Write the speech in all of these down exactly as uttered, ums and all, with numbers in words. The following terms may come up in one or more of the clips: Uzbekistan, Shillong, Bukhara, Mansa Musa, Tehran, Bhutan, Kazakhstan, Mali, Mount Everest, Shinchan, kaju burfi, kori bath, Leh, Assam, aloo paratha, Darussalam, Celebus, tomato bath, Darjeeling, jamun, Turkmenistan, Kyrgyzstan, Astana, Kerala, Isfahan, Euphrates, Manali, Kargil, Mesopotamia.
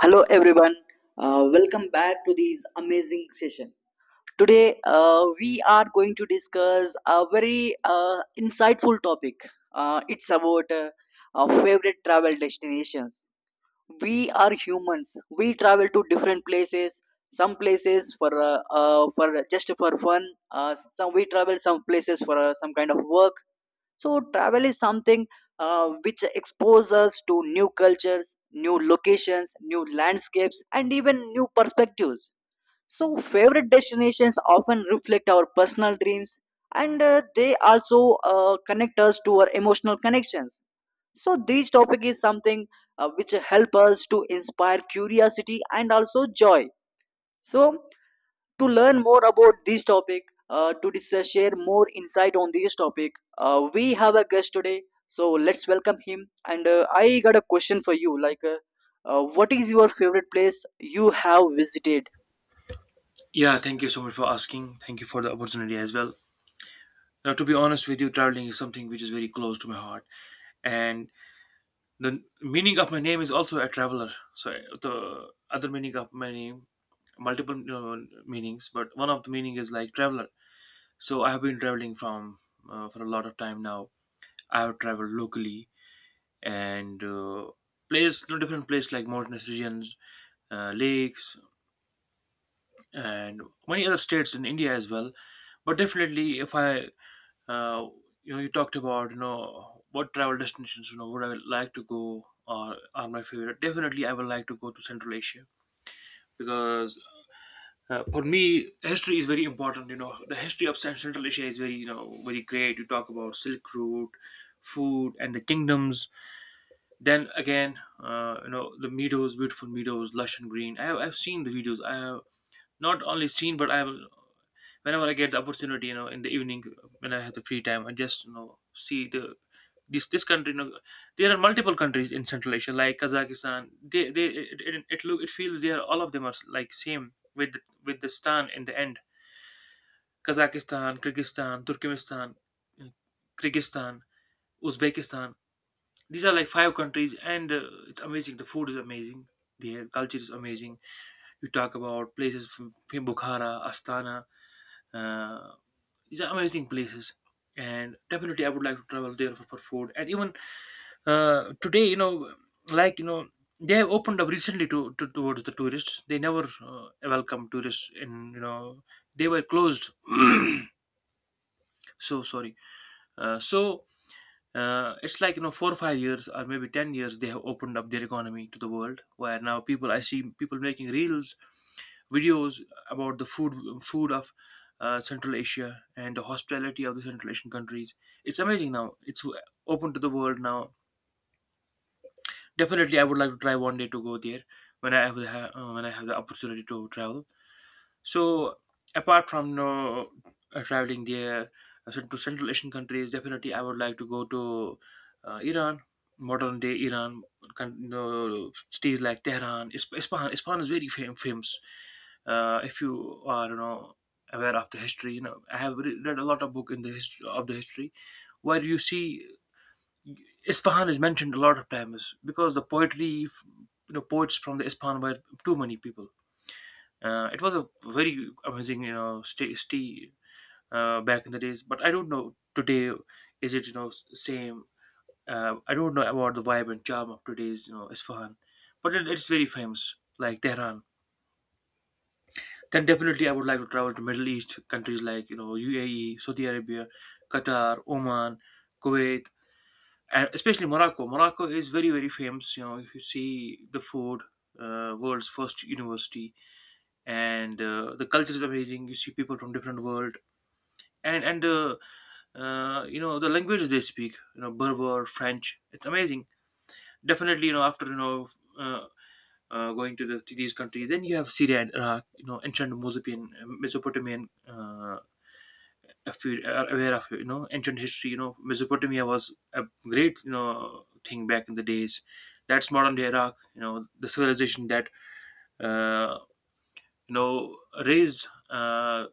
Hello, everyone. Uh, welcome back to this amazing session. Today, uh, we are going to discuss a very uh, insightful topic. Uh, it's about uh, our favorite travel destinations. We are humans, we travel to different places, some places for uh, uh, for just for fun, uh, some we travel some places for uh, some kind of work. So travel is something uh, which exposes us to new cultures, new locations, new landscapes, and even new perspectives. So favorite destinations often reflect our personal dreams, and uh, they also uh, connect us to our emotional connections. So this topic is something uh, which help us to inspire curiosity and also joy. So to learn more about this topic, uh, to discuss, share more insight on this topic, uh, we have a guest today. So let's welcome him, and uh, I got a question for you, like uh, uh, what is your favorite place you have visited? Yeah, thank you so much for asking. Thank you for the opportunity as well. Now, to be honest with you, traveling is something which is very close to my heart, and the meaning of my name is also a traveler. So the other meaning of my name, multiple you know, meanings, but one of the meaning is like traveler. So I have been traveling from uh, for a lot of time now. I have traveled locally and uh, place no different place like mountainous regions, uh, lakes, and many other states in India as well. But definitely, if I uh, you know you talked about you know what travel destinations you know would I like to go or are my favorite, definitely I would like to go to Central Asia because uh, for me history is very important. You know the history of Cent- Central Asia is very, you know very great. You talk about Silk Route, food and the kingdoms. Then again, uh, you know the meadows, beautiful meadows, lush and green. I have, I've seen the videos. I not only seen, but I will, whenever I get the opportunity, you know, in the evening when I have the free time, I just you know see the this this country. You know, there are multiple countries in Central Asia, like Kazakhstan. They they it, it, it look, it feels they are, all of them are like same with with the stan in the end. Kazakhstan, Kyrgyzstan, Turkmenistan, Kyrgyzstan, Uzbekistan. These are like five countries, and uh, it's amazing. The food is amazing. Their culture is amazing. You talk about places from, from Bukhara, Astana, uh, these are amazing places, and definitely I would like to travel there for, for food. And even uh, today, you know like you know they have opened up recently to, to towards the tourists. They never uh, welcome tourists in, you know they were closed. So sorry. uh, so uh, it's like you know four or five years or maybe ten years they have opened up their economy to the world, where now people, I see people making reels, videos, about the food food of uh, Central Asia, and the hospitality of the Central Asian countries. It's amazing. Now it's w- open to the world now. Definitely I would like to try one day to go there when I have the, ha- uh, when I have the opportunity to travel. So apart from uh, uh, traveling there, uh, so to Central Asian countries, definitely I would like to go to uh, Iran, modern day Iran, con- uh, cities like Tehran, Isp- Isfahan. Isfahan is very fam- famous. Uh, if you are you know aware of the history, you know I have re- read a lot of book in the history, of the history where you see Isfahan is mentioned a lot of times, because the poetry, f- you know, poets from the Isfahan were too many people. Uh, it was a very amazing, you know, stay, stay uh, back in the days. But I don't know today, is it you know s- same. Uh, I don't know about the vibe and charm of today's you know Isfahan, but it, it's very famous like Tehran. Then definitely I would like to travel to Middle East countries like, you know, U A E, Saudi Arabia, Qatar, Oman, Kuwait, and especially Morocco. Morocco is very, very famous. You know, if you see the food, uh, world's first university, and uh, the culture is amazing. You see people from different world, and and uh, uh, you know the languages they speak, you know, Berber, French. It's amazing. Definitely, you know after you know uh, uh, going to the to these countries, then you have Syria and Iraq, you know, ancient Mesopotamian, mesopotamian uh, If you are aware of, you know, ancient history, you know Mesopotamia was a great, you know, thing back in the days. That's modern day Iraq, you know, the civilization that uh, you know raised uh,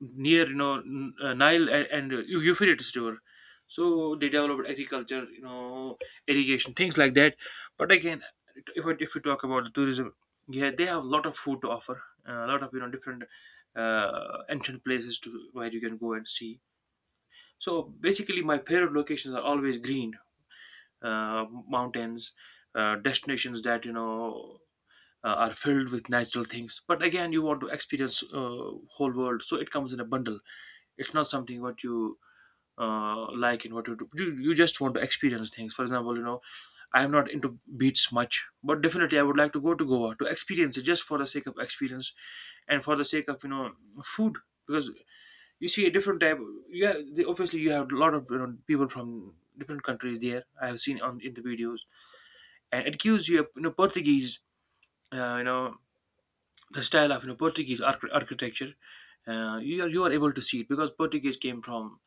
near, you know, N- uh, Nile and, and uh, Eu- Euphrates river. So they developed agriculture, you know, irrigation, things like that. But again, if we, if we talk about the tourism, yeah, they have a lot of food to offer, a lot of you know different uh, ancient places to where you can go and see. So basically, my favorite locations are always green, uh, mountains, uh, destinations that, you know, uh, are filled with natural things. But again, you want to experience uh, whole world, so it comes in a bundle. It's not something what you uh, like and what you do. You, you just want to experience things. For example, you know, I am not into beats much, but definitely I would like to go to Goa to experience it just for the sake of experience, and for the sake of, you know, food, because you see a different type. Yeah, they, obviously you have a lot of, you know, people from different countries there. I have seen on in the videos, and it gives you a, you know, Portuguese, uh, you know the style of, you know, Portuguese arch- architecture. uh, you are, you are able to see it because Portuguese came from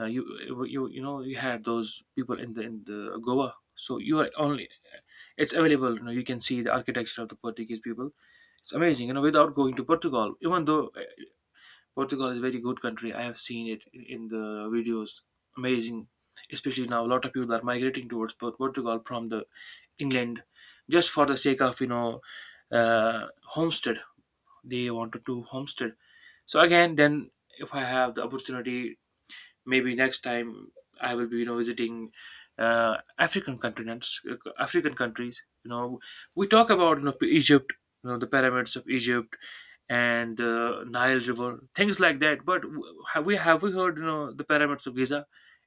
uh, you you you know, you had those people in the in the Goa, so you are only, it's available, you know, you can see the architecture of the Portuguese people. It's amazing, you know, without going to Portugal. Even though Portugal is a very good country, I have seen it in in the videos. Amazing, especially now. A lot of people are migrating towards Port- Portugal from the England, just for the sake of, you know, uh, homestead. They wanted to homestead. So again, then if I have the opportunity, maybe next time I will be, you know, visiting uh, African continents, uh, African countries. You know, we talk about, you know, Egypt, you know, the pyramids of Egypt and the Nile River, things like that. But w- have we have we heard, you know, the pyramids of Giza?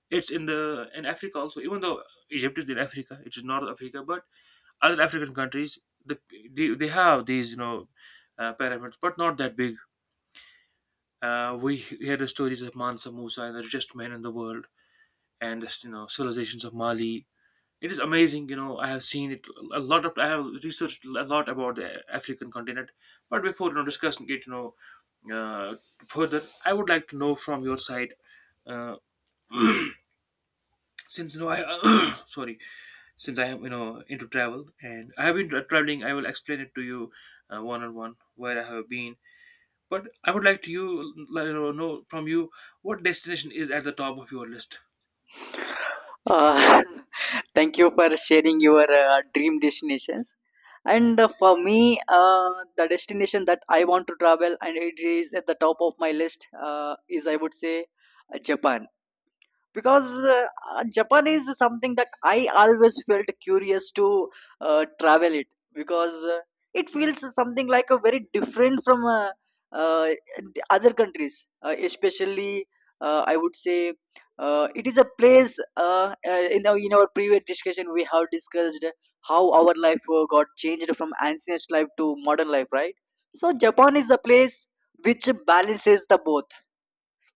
It's in the in Africa also. Even though Egypt is in Africa, it is North Africa, but other African countries the, they, they have these, you know, uh, pyramids, but not that big. Uh, we hear the stories of Mansa Musa and the richest man in the world, and just, you know, civilizations of Mali. It is amazing, you know. I have seen it a lot of. I have researched a lot about the African continent. But before, you know, discussing it, you know, uh, further, I would like to know from your side. Uh, since, you know, I sorry, since I am, you know, into travel and I have been tra- traveling, I will explain it to you one on one where I have been. But I would like to you, like, you know know from you what destination is at the top of your list. Uh, Thank you for sharing your uh, dream destinations. And uh, for me, uh, the destination that I want to travel and it is at the top of my list uh, is, I would say, uh, Japan. Because uh, uh, Japan is something that I always felt curious to uh, travel it. Because uh, it feels something like a very different from uh, uh, other countries, uh, especially uh, I would say, uh, it is a place, uh, uh, in, our, in our previous discussion we have discussed how our life uh, got changed from ancient life to modern life, right? So Japan is the place which balances the both.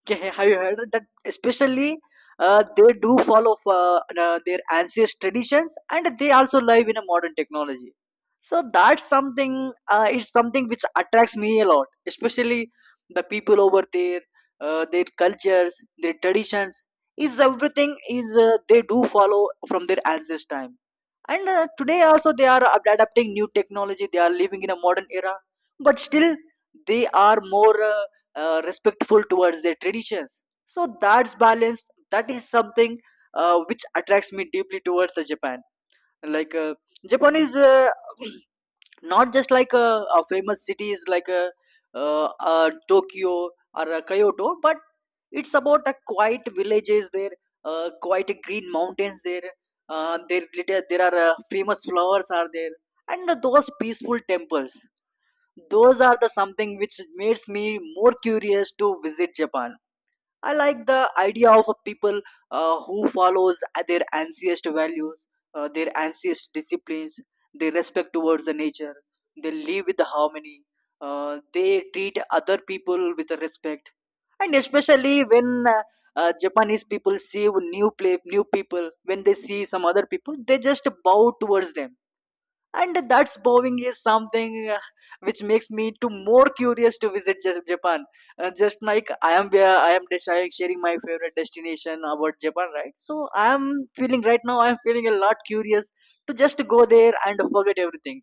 Okay, have you heard that? Especially, uh, they do follow uh, uh, their ancient traditions, and they also live in a modern technology. So that's something. Uh, it's something which attracts me a lot. Especially the people over there, uh, their cultures, their traditions. Is everything is uh, they do follow from their ancestors' time, and uh, today also they are ad- adapting new technology. They are living in a modern era, but still they are more. Uh, uh, respectful towards their traditions, so that's balance. That is something uh, which attracts me deeply towards the Japan. Like uh, Japan is uh, not just like a, a famous cities like a, uh, uh, Tokyo or uh, Kyoto, but it's about a quiet villages there, uh, quiet green mountains there, uh, there, there are uh, famous flowers are there, and those peaceful temples. Those are the something which makes me more curious to visit Japan. I like the idea of a people uh, who follows their ancient values, uh, their ancient disciplines, their respect towards the nature. They live with the harmony. Uh, they treat other people with the respect, and especially when uh, uh, Japanese people see new play, new people, when they see some other people, they just bow towards them, and that's bowing is something uh, which makes me to more curious to visit Ja- japan. Uh, just like i am where i am des- I am sharing my favorite destination about Japan, right? So i am feeling right now, I am feeling a lot curious to just go there and forget everything.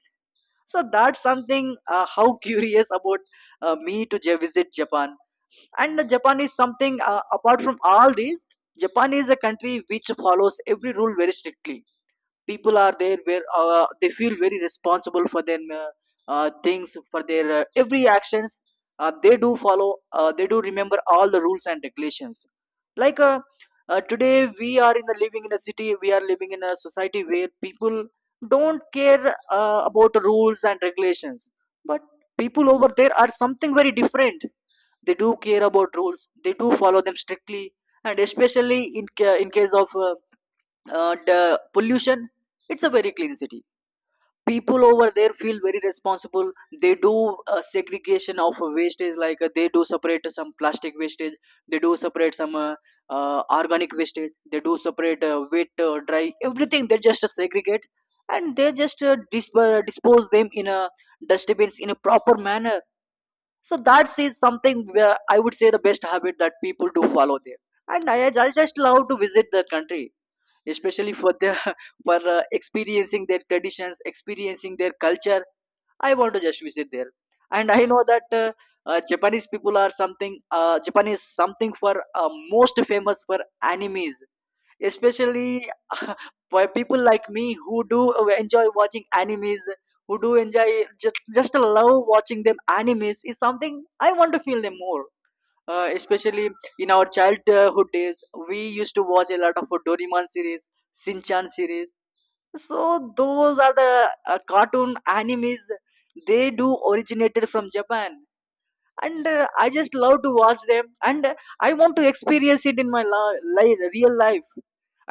So that's something, uh, how curious about uh, me to ja- visit Japan. And Japan is something, uh, apart from all these, Japan is a country which follows every rule very strictly. People are there where uh, they feel very responsible for their uh, uh, things, for their uh, every actions. Uh, they do follow, uh, they do remember all the rules and regulations. Like uh, uh, today we are in the living in a city, we are living in a society where people don't care uh, about the rules and regulations. But people over there are something very different. They do care about rules, they do follow them strictly. And especially in ca- in case of uh, uh, the pollution, it's a very clean city. People over there feel very responsible. They do uh, segregation of wastage. Like uh, they do separate some plastic wastage, they do separate some uh, uh, organic wastage, they do separate uh, wet, uh, dry, everything they just segregate, and they just uh, disp- uh, dispose them in a dustbins in a proper manner. So that is something where I would say the best habit that people do follow there. And i, I just love to visit the country, especially for the for uh, experiencing their traditions, experiencing their culture. I want to just visit there. And I know that uh, uh, Japanese people are something, uh, Japan is something for uh, most famous for animes, especially for people like me who do enjoy watching animes, who do enjoy just just love watching them. Animes is something I want to feel them more. Uh, especially in our childhood days, we used to watch a lot of Doraemon series, Shinchan series. So those are the uh, cartoon animes. They do originated from Japan, and uh, I just love to watch them. And uh, I want to experience it in my li- li- real life.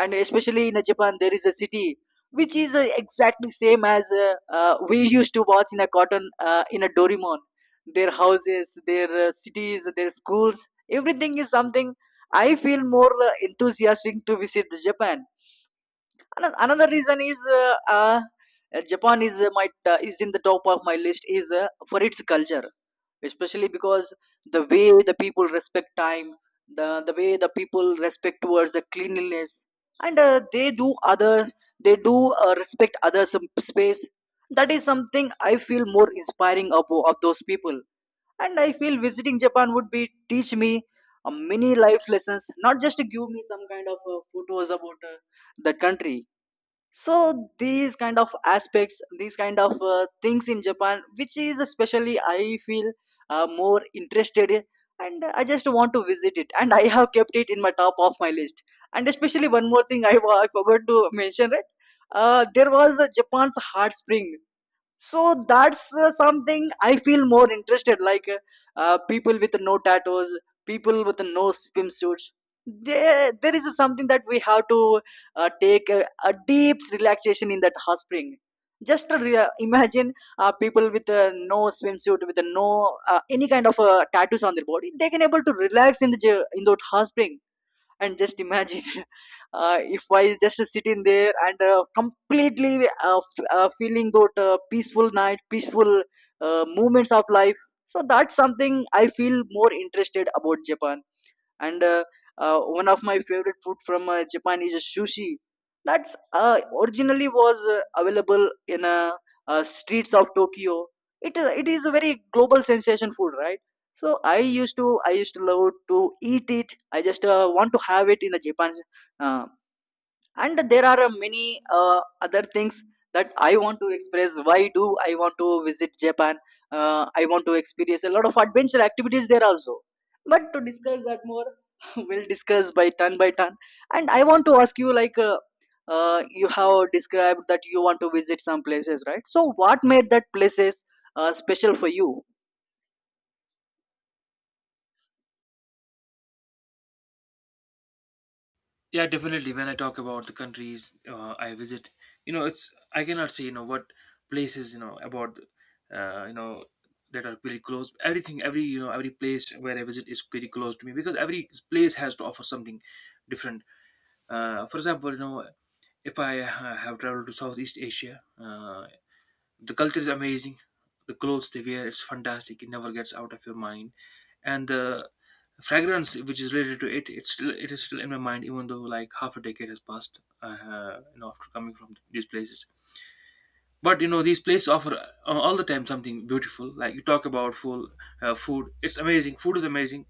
And especially in uh, Japan, there is a city which is uh, exactly same as uh, uh, we used to watch in a cartoon, uh, in a Doraemon. Their houses, their uh, cities, their schools, everything is something I feel more uh, enthusiastic to visit Japan. Ano- another reason is uh, uh, Japan is uh, my, uh, is in the top of my list is, uh, for its culture, especially because the way the people respect time, the the way the people respect towards the cleanliness. And uh, they do other, they do uh, respect other some space. That is something I feel more inspiring of, of those people. And I feel visiting Japan would be teach me uh, many life lessons, not just to give me some kind of uh, photos about uh, the country. So these kind of aspects, these kind of uh, things in Japan, which is especially I feel uh, more interested in. And I just want to visit it, and I have kept it in my top of my list. And especially one more thing i, wa- I forgot to mention, right? Uh, there was a Japan's hot spring. So that's uh, something I feel more interested. Like uh, uh, people with no tattoos, people with no swimsuits. There there is something that we have to uh, take a, a deep relaxation in that hot spring. Just to re- imagine uh, people with uh, no swimsuit, with uh, no uh, any kind of uh, tattoos on their body, they can able to relax in the j- in that hot spring. And just imagine uh, if I is just sitting there and uh, completely uh, f- uh, feeling that uh, peaceful night, peaceful uh, moments of life. So that's something I feel more interested about Japan. And uh, uh, one of my favorite food from uh, Japan is sushi. That's uh, originally was uh, available in uh, uh, streets of Tokyo. It is it is a very global sensation food, right? So i used to I used to love to eat it. I just uh, want to have it in a Japan. uh, and there are uh, many uh, other things that I want to express why do I want to visit Japan. uh, I want to experience a lot of adventure activities there also. But to discuss that more, we'll discuss by turn by turn. And I want to ask you, like uh, uh, you have described that you want to visit some places, right? So what made that places uh, special for you? Yeah, definitely. When I talk about the countries uh, I visit, you know, it's I cannot say, you know, what places, you know, about, uh, you know that are pretty close. Everything, every, you know, every place where I visit is pretty close to me, because every place has to offer something different. Uh, for example, you know, if I uh, have traveled to Southeast Asia, uh, the culture is amazing, the clothes they wear, it's fantastic. It never gets out of your mind, and the fragrance which is related to it, it's still, it is still in my mind, even though like half a decade has passed, uh, you know, after coming from these places. But you know, these places offer uh, all the time something beautiful. Like you talk about full uh, food, it's amazing, food is amazing,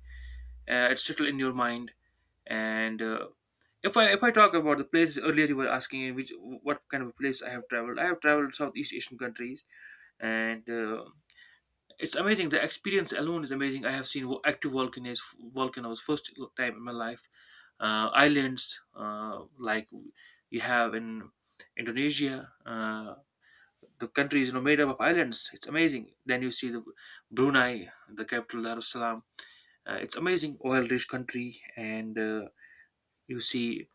uh, it's still in your mind. And uh, if I if I talk about the places, earlier you were asking which, what kind of a place I have traveled, I have traveled Southeast Asian countries. And uh, it's amazing. The experience alone is amazing. I have seen vo- active volcanoes, volcanoes first time in my life. Uh, islands uh, like you have in Indonesia. Uh, the country is, you know, made up of islands. It's amazing. Then you see the Brunei, the capital Darussalam. Uh, it's amazing, oil-rich country, and uh, you see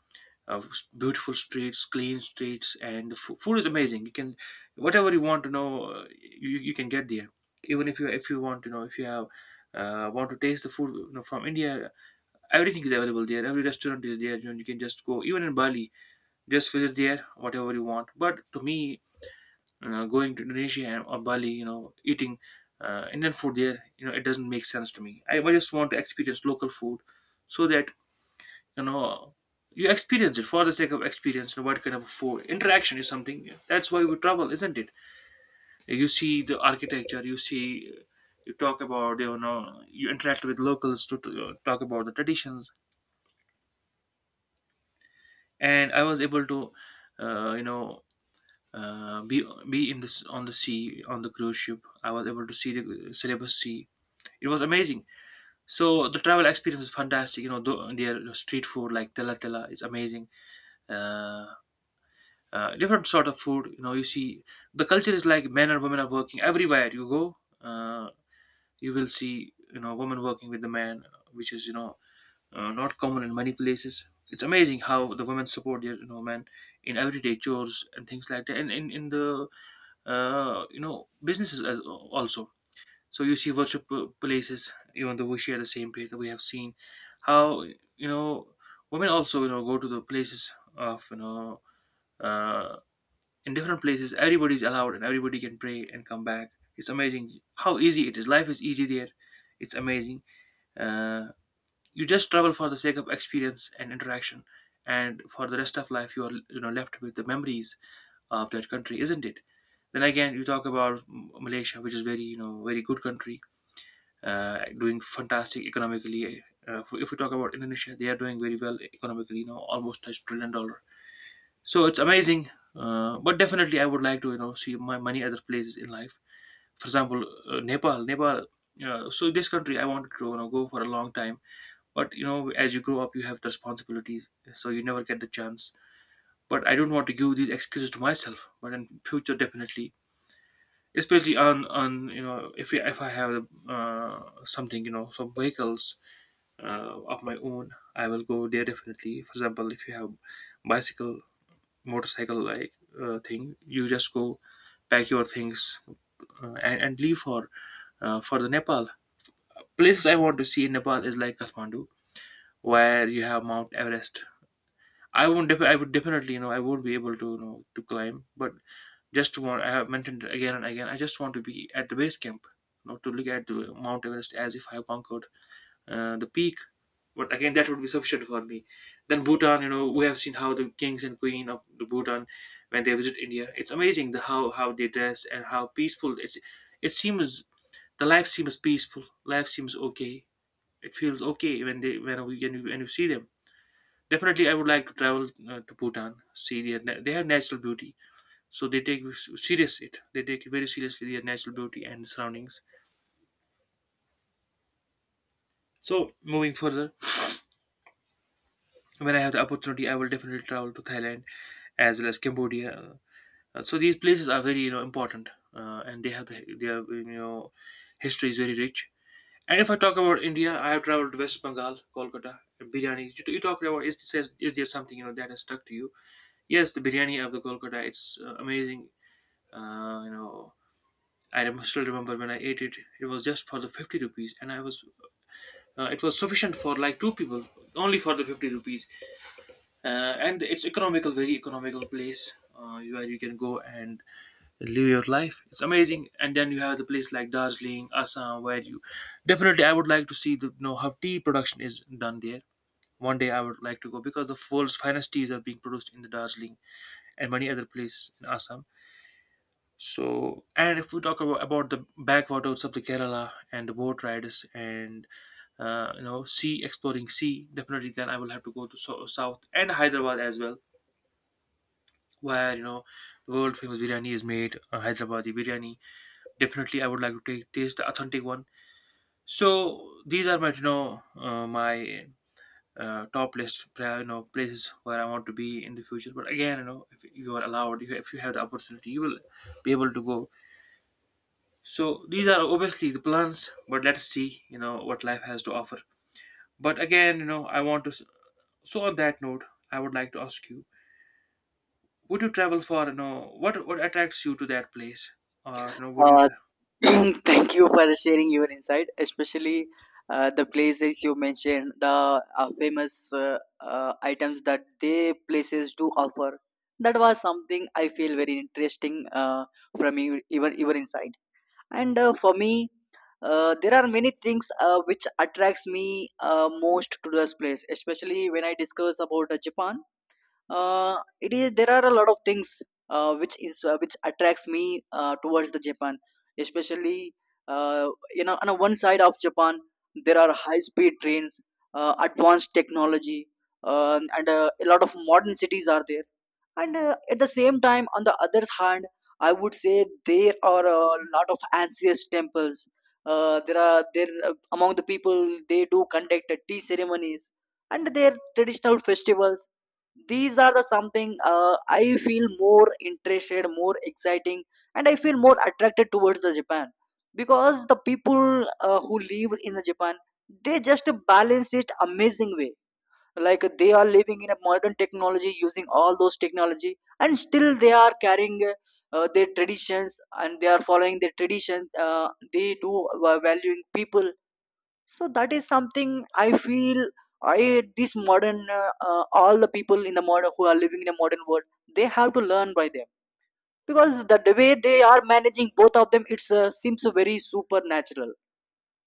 uh, beautiful streets, clean streets, and the fo- food is amazing. You can, whatever you want to know, uh, you, you can get there. Even if you, if you want to know, if you have uh, want to taste the food, you know, from India, everything is available there. Every restaurant is there. You know, you can just go. Even in Bali, just visit there whatever you want. But to me, you know, going to Indonesia and- or Bali, you know, eating uh, Indian food there, you know, it doesn't make sense to me. I, I just want to experience local food so that you know you experience it for the sake of experience what kind of for interaction is something. That's why we travel, isn't it? You see the architecture, you see, you talk about, you know you interact with locals to, to uh, talk about the traditions. And I was able to, uh, you know uh, be be in this on the sea on the cruise ship. I was able to see the Celebus Sea. It was amazing. So the travel experience is fantastic. You know, th- their street food like tela tela is amazing. Uh, uh, Different sort of food, you know, you see the culture is like men and women are working everywhere you go. uh, you will see, you know, women working with the man, which is, you know uh, not common in many places. It's amazing how the women support their, you know, men in everyday chores and things like that, and in, in the, uh, you know, businesses as, also. So you see worship uh, places, even though we share the same place. That we have seen how, you know, women also, you know, go to the places of, you know uh, in different places. Everybody is allowed and everybody can pray and come back. It's amazing how easy it is, life is easy there. It's amazing. uh, you just travel for the sake of experience and interaction, and for the rest of life you are, you know, left with the memories of that country, isn't it? Then again you talk about M- malaysia, which is very, you know, very good country, uh, doing fantastic economically. Uh, if we talk about Indonesia, they are doing very well economically, you know, almost touched trillion dollar. So it's amazing. Uh, but definitely I would like to, you know, see my many other places in life. For example, uh, Nepal. Nepal, uh, so this country I wanted to, you know, go for a long time. But you know, as you grow up you have the responsibilities, so you never get the chance. But I don't want to give these excuses to myself, but in future definitely, especially on on, you know, if I- if I have uh, something, you know, some vehicles uh, of my own, I will go there definitely. For example, if you have bicycle, motorcycle like uh, thing, you just go, pack your things, uh, and, and leave for, uh, for the Nepal. Places I want to see in Nepal is like Kathmandu, where you have Mount Everest. I won't def- I would definitely, you know, I won't be able to, you know, to climb, but just to want, I have mentioned again and again, I just want to be at the base camp, you know, to look at the Mount Everest as if I have conquered uh, the peak. But again, that would be sufficient for me. Then Bhutan, you know, we have seen how the kings and queen of the Bhutan when they visit India. It's amazing, the how how they dress and how peaceful it's. It seems the life seems peaceful. Life seems okay. It feels okay when they when we when you, when you see them. Definitely, I would like to travel uh, to Bhutan. See their na- they have natural beauty, so they take s- serious it. They take it very seriously their natural beauty and surroundings. So moving further, when I have the opportunity, I will definitely travel to Thailand as well as Cambodia. Uh, so these places are very, you know, important, uh, and they have the, their, you know, history is very rich. And if I talk about India, I have traveled to West Bengal, Kolkata, and biryani. You, you talked about, is this, is there something, you know, that has stuck to you? Yes, the biryani of the Kolkata, it's uh, amazing. Uh, you know, I rem- still remember when I ate it. It was just for the fifty rupees, and I was, uh, it was sufficient for like two people, only for the fifty rupees. Uh, and it's economical, very economical place, uh, where you can go and live your life. It's amazing. And then you have the place like Darjeeling, Assam, where you, definitely I would like to see the, you know, how tea production is done there. One day I would like to go because the world's finest teas are being produced in the Darjeeling and many other places in Assam. So, and if we talk about, about the backwaters of the Kerala and the boat riders and, uh, you know, sea, exploring sea, definitely then I will have to go to so- south and Hyderabad as well, where, you know, the world famous biryani is made, uh, Hyderabadi biryani. Definitely, I would like to take taste the authentic one. So these are my, you know, uh, my uh, top list, pra- you know, places where I want to be in the future. But again, you know, if you are allowed, if you if you have the opportunity, you will be able to go. So these are obviously the plans, but let's see, you know, what life has to offer. But again, you know, I want to. s- So on that note, I would like to ask you, would you travel for, you know, what what attracts you to that place, or, you know, would you Uh, tra- Thank you for sharing your insight, especially uh, the places you mentioned, the uh, famous uh, uh, items that they places do offer. That was something I feel very interesting uh, from you, even even inside. And uh, for me, uh, there are many things uh, which attracts me uh, most to this place, especially when I discuss about uh, Japan. Uh, it is There are a lot of things uh, which is uh, which attracts me uh, towards the japan, especially, uh, you know, on a one side of japan there are high speed trains, uh, advanced technology, uh, and uh, a lot of modern cities are there. And uh, at the same time on the other hand, I would say there are a lot of ancient temples. Uh, there are there uh, Among the people, they do conduct uh, tea ceremonies and their traditional festivals. These are the something uh, I feel more interested, more exciting, and I feel more attracted towards the japan, because the people uh, who live in the japan, they just balance it amazing way, like they are living in a modern technology using all those technology, and still they are carrying uh, their traditions, and they are following their traditions. Uh, they do uh, valuing people. So that is something I feel. I, this modern, uh, uh, all the people in the modern who are living in a modern world, they have to learn by them, because the, the way they are managing both of them, it uh, seems very supernatural,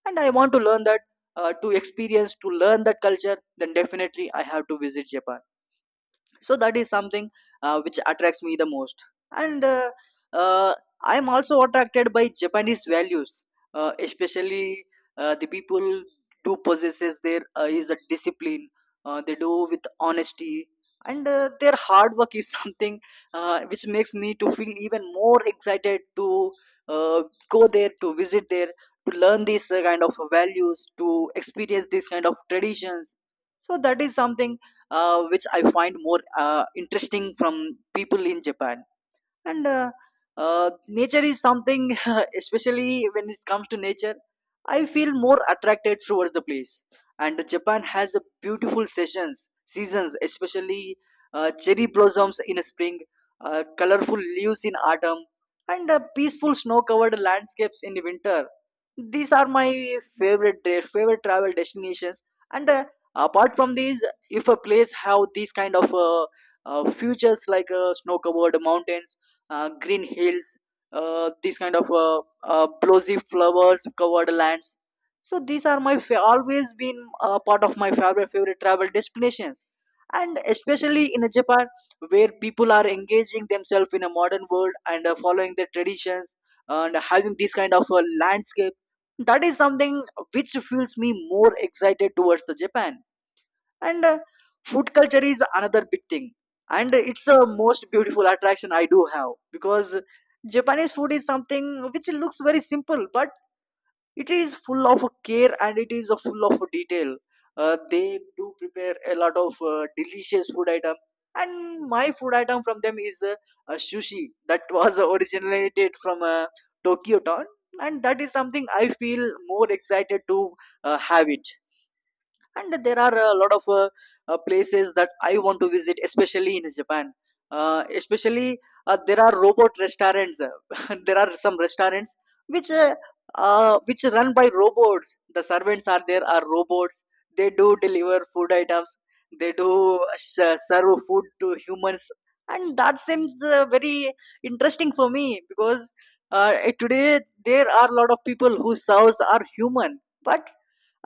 and I want to learn that. Uh, to experience, to learn that culture, then definitely I have to visit japan. So that is something uh, which attracts me the most. And uh, uh, I am also attracted by japanese values, uh, especially uh, the people do possesses their uh, is a discipline. Uh, they do with honesty, and uh, their hard work is something uh, which makes me to feel even more excited to uh, go there, to visit there, to learn these uh, kind of values, to experience these kind of traditions. So that is something uh, which I find more uh, interesting from people in Japan. And uh, uh, nature is something, especially when it comes to nature, I feel more attracted towards the place. And Japan has a beautiful sessions, seasons, especially uh, cherry blossoms in spring, uh, colorful leaves in autumn, and uh, peaceful snow-covered landscapes in winter. These are my favorite tra- favorite travel destinations. And uh, apart from these, if a place have these kind of uh, uh, features like uh, snow covered mountains, uh, green hills, uh, these kind of uh, uh, blossy flowers covered lands. So these are my fa- always been uh, part of my favorite favorite travel destinations. And especially in japan, where people are engaging themselves in a modern world and uh, following their traditions and having this kind of uh, landscape, that is something which feels me more excited towards the japan. And uh, food culture is another big thing, and it's the most beautiful attraction I do have, because japanese food is something which looks very simple, but it is full of care and it is uh, full of detail. Uh, they do prepare a lot of uh, delicious food item, and my food item from them is uh, uh, sushi, that was uh, originated from uh, tokyo town, and that is something I feel more excited to uh, have it. And there are a lot of uh, uh, places that I want to visit, especially in japan. Uh, especially uh, there are robot restaurants. There are some restaurants which uh, uh, which run by robots. The servants are, there are robots. They do deliver food items, they do uh, s- serve food to humans, and that seems uh, very interesting for me, because uh, today there are a lot of people whose serves are human, but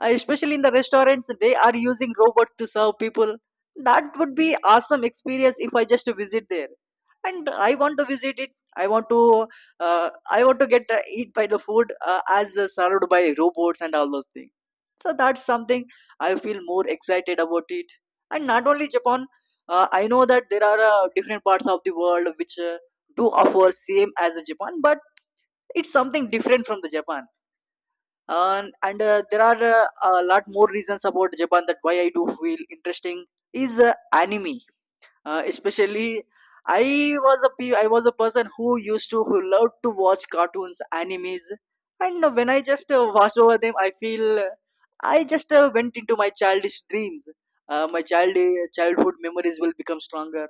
uh, especially in the restaurants, they are using robot to serve people. That would be awesome experience if I just visit there. And I want to visit it. I want to, uh, I want to get uh, eat by the food uh, as uh, served by robots and all those things. So that's something I feel more excited about it. And not only Japan, uh, I know that there are uh, different parts of the world which uh, do offer same as Japan, but it's something different from the Japan. And and uh, there are uh, a lot more reasons about japan that why I do feel interesting is uh, anime. Uh, especially I was a pe- I was a person who used to, who loved to watch cartoons, animes, and uh, when I just uh, watch over them, I feel uh, I just uh, went into my childish dreams. Uh, my child uh, childhood memories will become stronger,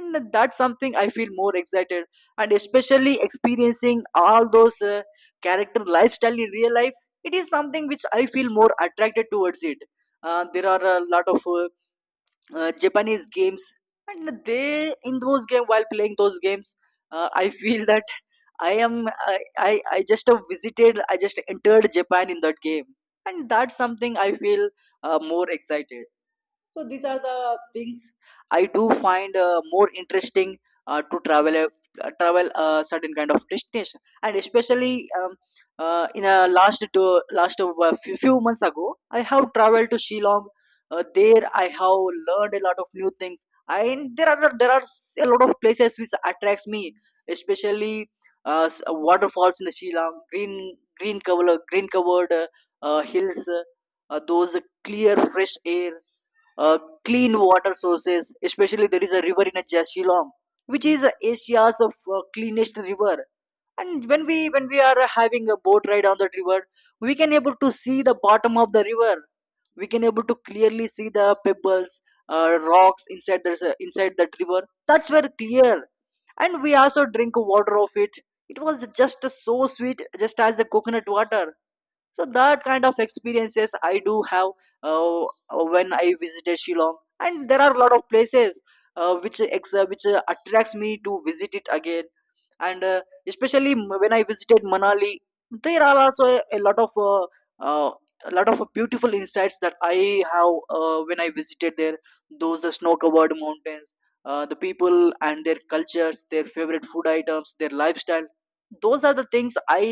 and that's something I feel more excited. And especially experiencing all those uh, character lifestyle in real life, it is something which I feel more attracted towards it. Uh, there are a lot of uh, uh, Japanese games, and they, in those game, while playing those games, uh, I feel that I am I, I I just uh, visited, I just entered Japan in that game, and that's something I feel uh, more excited. So these are the things I do find uh, more interesting uh, to travel a uh, travel a certain kind of destination. And especially, um, uh, in a last to last uh, few, few months ago, I have traveled to shillong. Uh, there I have learned a lot of new things, and there are there are a lot of places which attracts me, especially uh, s- waterfalls in shillong, green green cover green covered uh, uh, hills, uh, those clear fresh air, uh, clean water sources. Especially there is a river in a Shillong, which is uh, Asia's of, uh, cleanest river. And when we when we are uh, having a boat ride on that river, we can able to see the bottom of the river. We can able to clearly see the pebbles, uh, rocks inside, there's uh, inside that river, that's very clear. And we also drink water of it. It was just so sweet, just as the coconut water. So that kind of experiences I do have uh, when I visited shillong, and there are a lot of places uh, which ex- uh, which uh, attracts me to visit it again. And uh, especially m- when I visited manali, there are also a, a lot of uh, uh, a lot of beautiful insights that I have uh, when I visited there. Those uh, snow covered mountains, uh, the people and their cultures, their favorite food items, their lifestyle, those are the things I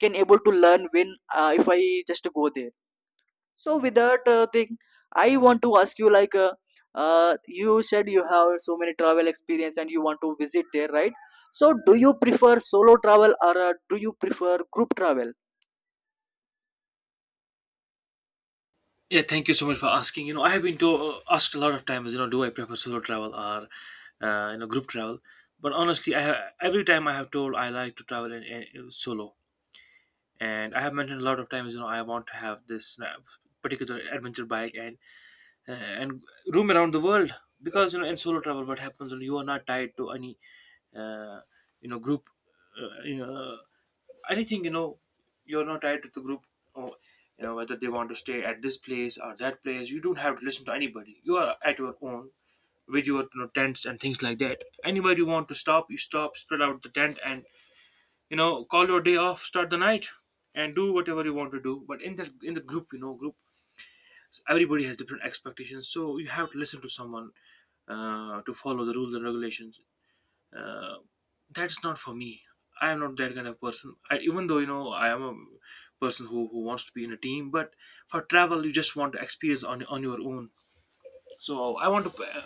can able to learn when, uh, if I just go there. So with that uh, thing, I want to ask you like, uh, uh, you said you have so many travel experience and you want to visit there, right? So do you prefer solo travel, or uh, do you prefer group travel? yeah, thank you so much for asking. You know, I have been to, uh, asked a lot of times, you know, do I prefer solo travel or, uh, you know, group travel. But honestly, i have, every time I have told, I like to travel in, in- solo. And I have mentioned a lot of times, you know, I want to have this, uh, particular adventure bike and, uh, and roam around the world, because you know, in solo travel what happens is you are not tied to any, uh, you know group, uh, you know anything, you know, you're not tied to the group, or, you know, whether they want to stay at this place or that place. You don't have to listen to anybody, you are at your own with your, you know, tents and things like that. Anywhere you want to stop, you stop, spread out the tent and, you know, call your day off, start the night, and do whatever you want to do. But in the in the group, you know, group, everybody has different expectations, so you have to listen to someone uh, to follow the rules and regulations. uh, that's not for me. I am not that kind of person. I, even though, you know, I am a person who, who wants to be in a team, but for travel you just want to experience on, on your own. So I want to, uh,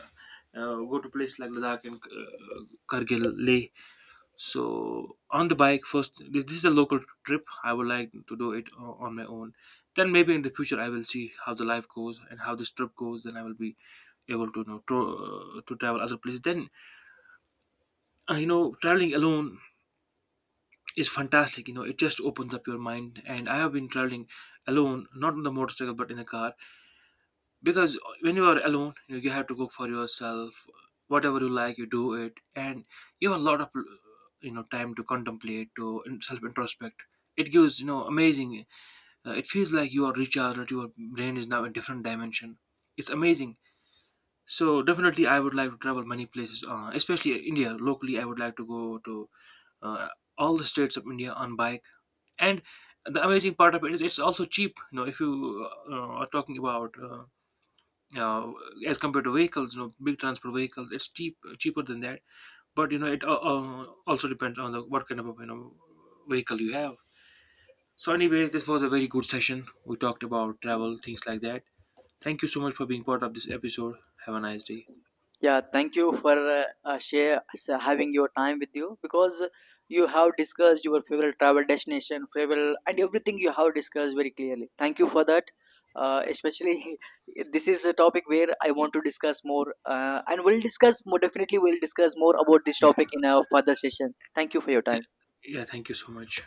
uh, go to place like Ladakh and, uh, Kargil, Leh. So on the bike first, this this is a local trip, I would like to do it o- on my own. Then maybe in the future I will see how the life goes and how this trip goes, then I will be able to, you know, to, uh, to travel other places. Then, uh, you know, traveling alone is fantastic. You know, it just opens up your mind. And I have been traveling alone, not on the motorcycle, but in a car, because when you are alone, you know, you have to go for yourself. Whatever you like, you do it, and you have a lot of, you know, time to contemplate, to self introspect. It gives, you know, amazing. Uh, it feels like you are recharged. Your brain is now in different dimension. It's amazing. So definitely, I would like to travel many places, uh, especially India. Locally, I would like to go to, uh, all the states of India on bike. And the amazing part of it is it's also cheap. You know, if you uh, are talking about, uh, uh, as compared to vehicles, you know, big transport vehicles, it's cheap, cheaper than that. But you know, it, uh, uh, also depends on the what kind of, you know, vehicle you have. So anyway, this was a very good session. We talked about travel, things like that. Thank you so much for being part of this episode. Have a nice day. Yeah, thank you for uh, uh, share s- uh, having your time with you, because you have discussed your favorite travel destination, travel, and everything you have discussed very clearly. Thank you for that. Uh, especially, this is a topic where I want to discuss more, uh, and we'll discuss more. Definitely, we'll discuss more about this topic in our further sessions. Thank you for your Th- time. yeah, thank you so much.